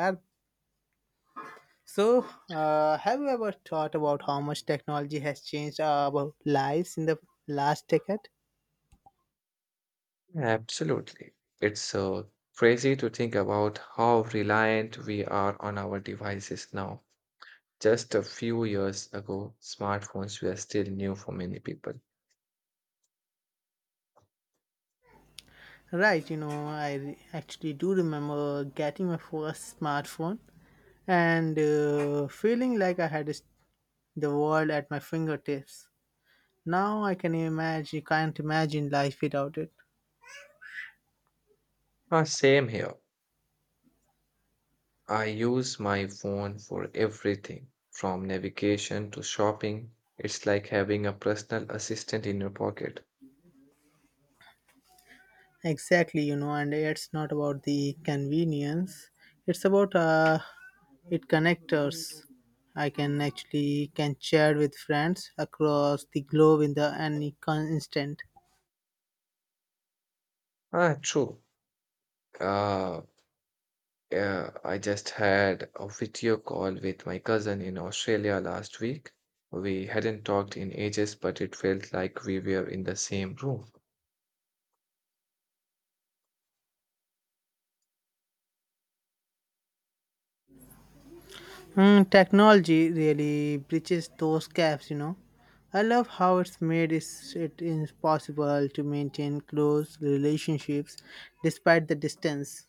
Yeah. So, have you ever thought about how much technology has changed our lives in the last decade? Absolutely. It's crazy to think about how reliant we are on our devices now. Just a few years ago, smartphones were still new for many people. Right, you know, actually do remember getting my first smartphone and feeling like the world at my fingertips. Now I can imagine, can't imagine life without it. Ah, same here. I use my phone for everything, from navigation to shopping. It's like having a personal assistant in your pocket. Exactly, you know, and it's not about the convenience. It's about it connectors. I can actually can chat with friends across the globe in the instant. Ah, true. Uh, Yeah, I just had a video call with my cousin in Australia last week. We hadn't talked in ages, but it felt like we were in the same room. Hmm, technology really bridges those gaps, you know. I love how it is possible to maintain close relationships despite the distance.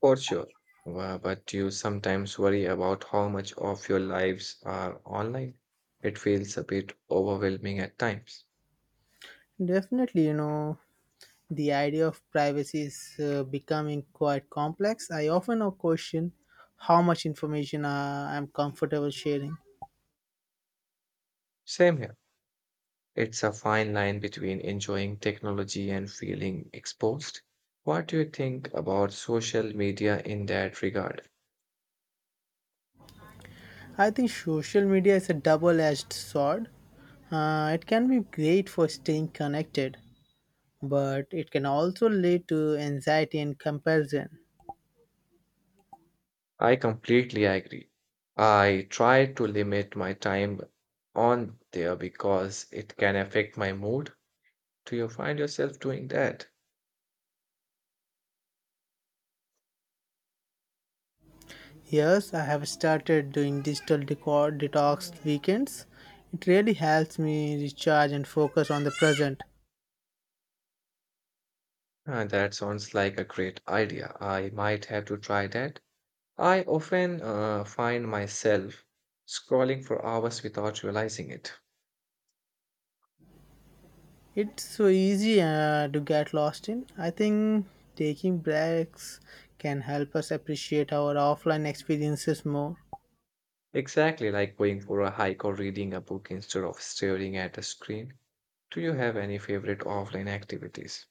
For sure. But you sometimes worry about how much of your lives are online. It feels a bit overwhelming at times. Definitely, you know, the idea of privacy is becoming quite complex. I often now question how much information I'm comfortable sharing. Same here. It's a fine line between enjoying technology and feeling exposed. What do you think about social media in that regard? I think social media is a double edged sword. It can be great for staying connected, but it can also lead to anxiety and comparison. I completely agree. I try to limit my time on there because it can affect my mood. Do you find yourself doing that? Yes, I have started doing digital detox weekends. It really helps me recharge and focus on the present. Ah, that sounds like a great idea. I might have to try that. I often find myself scrolling for hours without realizing it. It's so easy to get lost in. I think taking breaks can help us appreciate our offline experiences more. Exactly, like going for a hike or reading a book instead of staring at a screen. Do you have any favorite offline activities?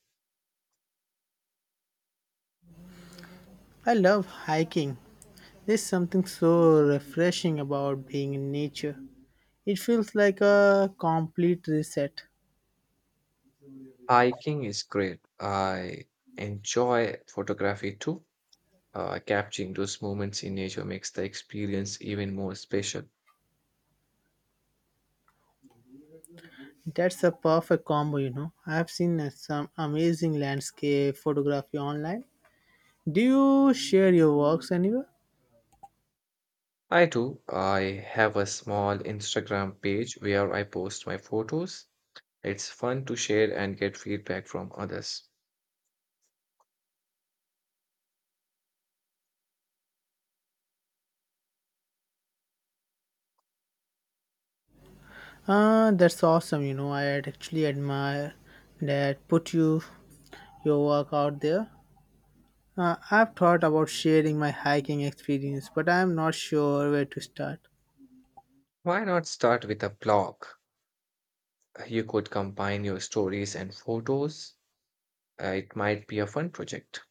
I love hiking. There's something so refreshing about being in nature. It feels like a complete reset. Hiking is great. I enjoy photography too. Capturing those moments in nature makes the experience even more special. That's a perfect combo, you know. I've seen some amazing landscape photography online. Do you share your works anywhere? I do. I have a small Instagram page where I post my photos. It's fun to share and get feedback from others. Ah, that's awesome. You know, I actually admire that put you your work out there. I've thought about sharing my hiking experience, but I'm not sure where to start. Why not start with a blog? You could combine your stories and photos. It might be a fun project.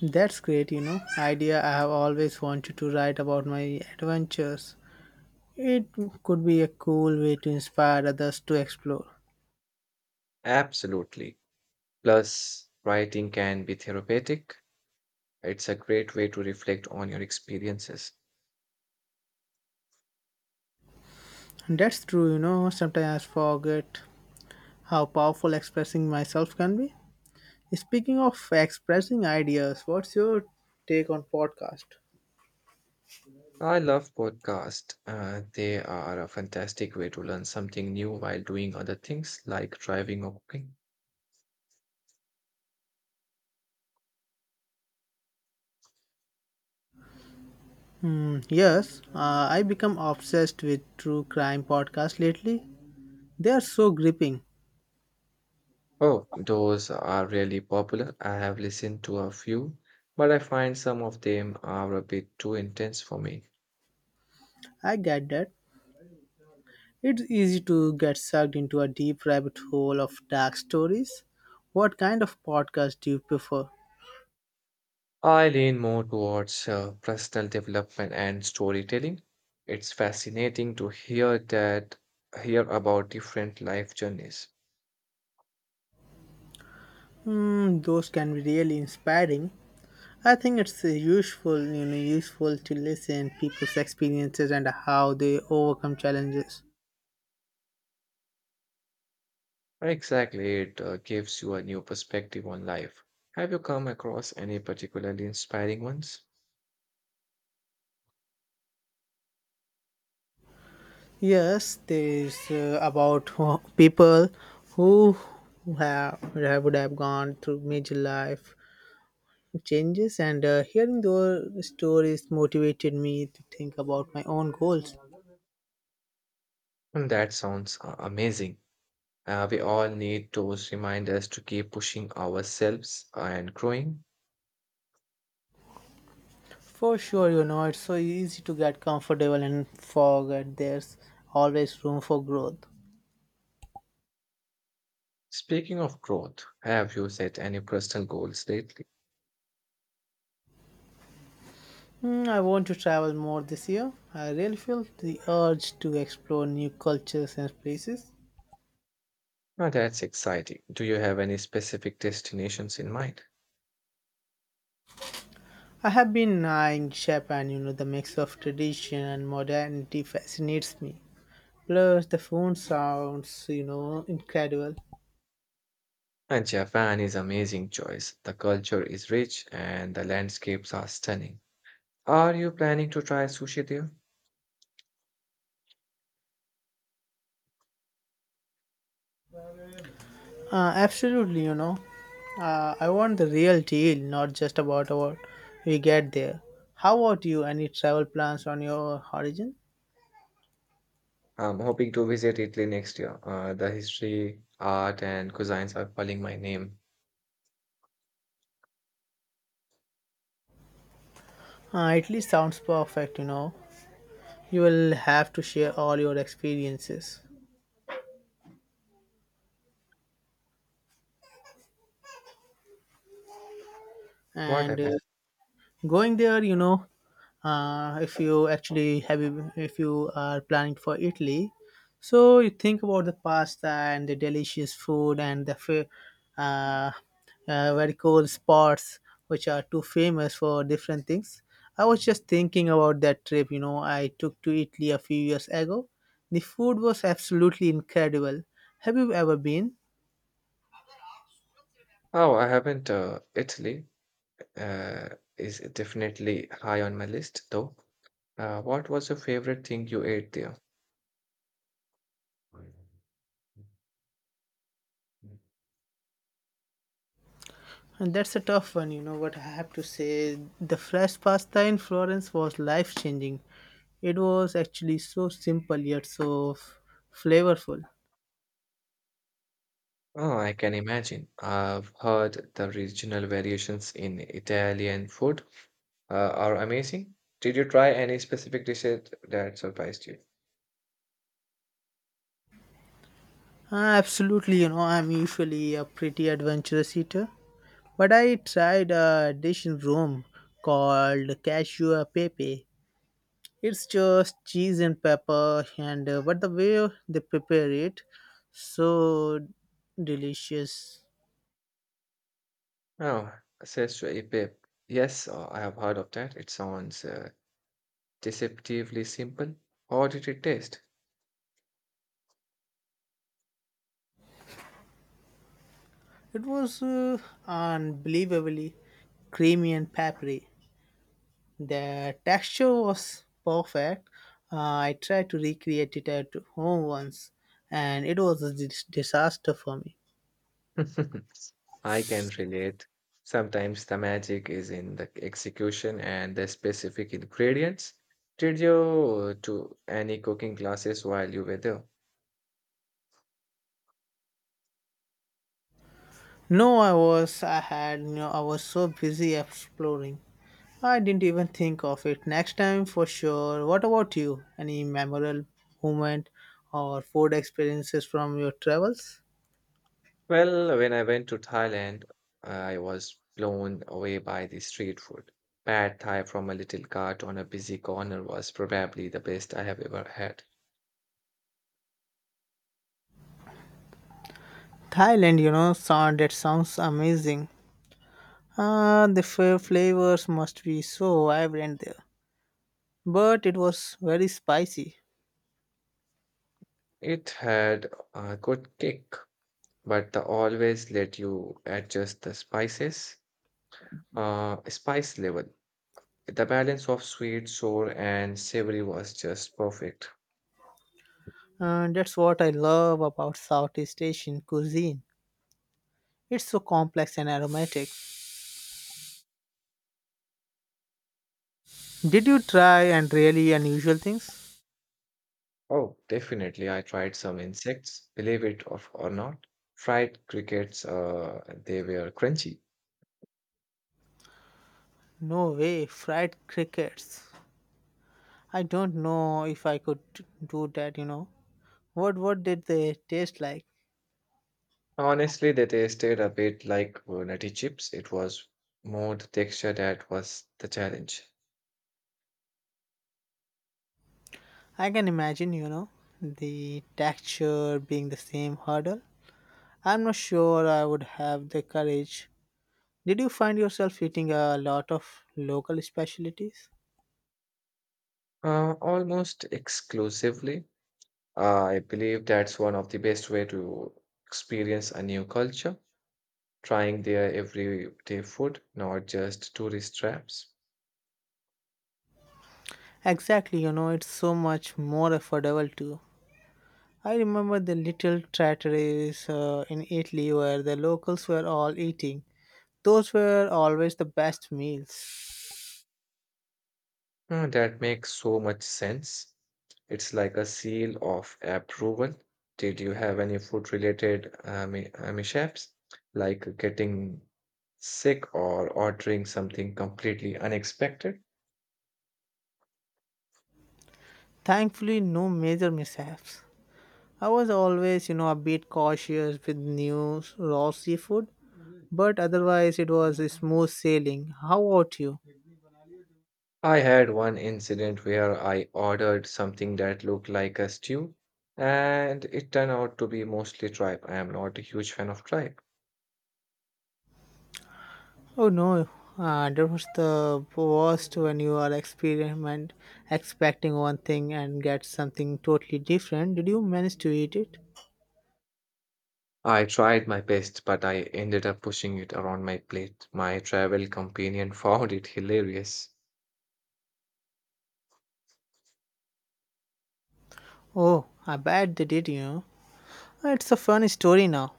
That's great, idea. I have always wanted to write about my adventures. It could be a cool way to inspire others to explore. Absolutely. Plus, writing can be therapeutic. It's a great way to reflect on your experiences. That's true, you know, sometimes I forget how powerful expressing myself can be. Speaking of expressing ideas, what's your take on podcast? I love podcasts. They are a fantastic way to learn something new while doing other things like driving or cooking. Yes, I become obsessed with true crime podcasts lately. They are so gripping. Oh, those are really popular. I have listened to a few, but I find some of them are a bit too intense for me. I get that. It's easy to get sucked into a deep rabbit hole of dark stories. What kind of podcast do you prefer? I lean more towards personal development and storytelling. It's fascinating to hear about different life journeys. Mm, those can be really inspiring. I think it's useful to listen people's experiences and how they overcome challenges. Exactly, it gives you a new perspective on life. Have you come across any particularly inspiring ones? Yes, there is about people who have would have gone through major life changes, and hearing their stories motivated me to think about my own goals. And that sounds amazing. We all need those reminders to keep pushing ourselves and growing. For sure, you know it's so easy to get comfortable and forget there's always room for growth. Speaking of growth, have you set any personal goals lately? Hmm, I want to travel more this year. I really feel the urge to explore new cultures and places. Ah, that's exciting. Do you have any specific destinations in mind? I have been in Japan, you know, the mix of tradition and modernity fascinates me. Plus, the phone sounds, you know, incredible. And Japan is amazing choice. The culture is rich and the landscapes are stunning. Are you planning to try sushi there? Absolutely, you know. I want the real deal, not just about what we get there. How about you? Any travel plans on your horizon? I'm hoping to visit Italy next year. The history, art, and cuisines are calling my name. Italy sounds perfect, you know. You will have to share all your experiences. What And happened? uh, Going there, you know, uh, if you actually have, if you are planning for Italy, so you think about the pasta and the delicious food and the uh, very cool spots which are too famous for different things. I was just thinking about that trip, you know, I took to Italy a few years ago. The food was absolutely incredible. Have you ever been? Oh, I haven't. Italy uh, is definitely high on my list, though. What was your favorite thing you ate there? And that's a tough one, you know what I have to say. The fresh pasta in Florence was life changing. It was actually so simple yet so flavorful. Oh, I can imagine. I've heard the regional variations in Italian food are amazing. Did you try any specific dishes that surprised you? Ah, absolutely, you know, I'm usually a pretty adventurous eater, but I tried a dish in Rome called cashew e pepe. It's just cheese and pepper, and but the way they prepare it, so delicious. Oh, Sestra Epip. Yes, I have heard of that. It sounds deceptively simple. How did it taste? It was unbelievably creamy and peppery. The texture was perfect. Uh, I tried to recreate it at home once, and it was a disaster for me. I can relate. Sometimes the magic is in the execution and the specific ingredients. Did you do any cooking classes while you were there? No, I was. I had. You know, I was so busy exploring. I didn't even think of it. Next time for sure. What about you? Any memorable moment or food experiences from your travels? Well, when I went to Thailand, I was blown away by the street food. Pad Thai from a little cart on a busy corner was probably the best I have ever had. Thailand, you know, sound that sounds amazing. Ah, the flavors must be so vibrant there. But it was very spicy. It had a good kick, but the always let you adjust the spice level. The balance of sweet, sour, and savory was just perfect. And that's what I love about Southeast Asian cuisine. It's so complex and aromatic. Did you try and really unusual things? Oh, definitely, I tried some insects, believe it or not. Fried crickets, they were crunchy. No way, fried crickets. I don't know if I could do that, you know. What did they taste like? Honestly, they tasted a bit like nutty chips. It was more the texture that was the challenge. I can imagine, you know, the texture being the same hurdle. I'm not sure I would have the courage. Did you find yourself eating a lot of local specialties? Almost exclusively. I believe that's one of the best way to experience a new culture, trying their everyday food, not just tourist traps. Exactly, you know, it's so much more affordable too. I remember the little trattorias in Italy where the locals were all eating. Those were always the best meals. Hmm, that makes so much sense. It's like a seal of approval. Did you have any food related mishaps, like getting sick or ordering something completely unexpected? Thankfully, no major mishaps. I was always, you know, a bit cautious with new raw seafood, but otherwise it was smooth sailing. How about you? I had one incident where I ordered something that looked like a stew, and it turned out to be mostly tripe. I am not a huge fan of tripe. Oh no, that was the worst when you are experiment expecting one thing and get something totally different. Did you manage to eat it? I tried my best, but I ended up pushing it around my plate. My travel companion found it hilarious. Oh, I bet they did, you know. It's a fun story now.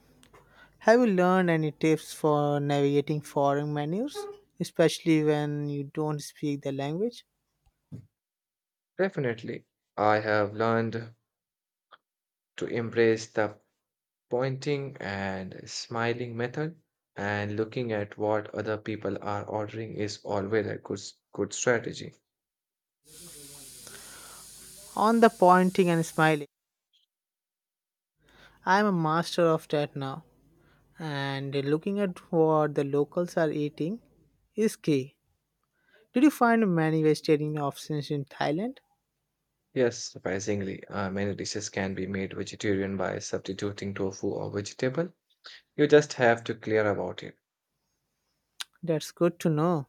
Have you learned any tips for navigating foreign menus, especially when you don't speak the language? Definitely, I have learned to embrace the pointing and smiling method, and looking at what other people are ordering is always a good strategy. On the pointing and smiling, I'm a master of that now. And looking at what the locals are eating is key. Did you find many vegetarian options in Thailand? Yes, surprisingly, many dishes can be made vegetarian by substituting tofu or vegetable. You just have to clear about it. That's good to know.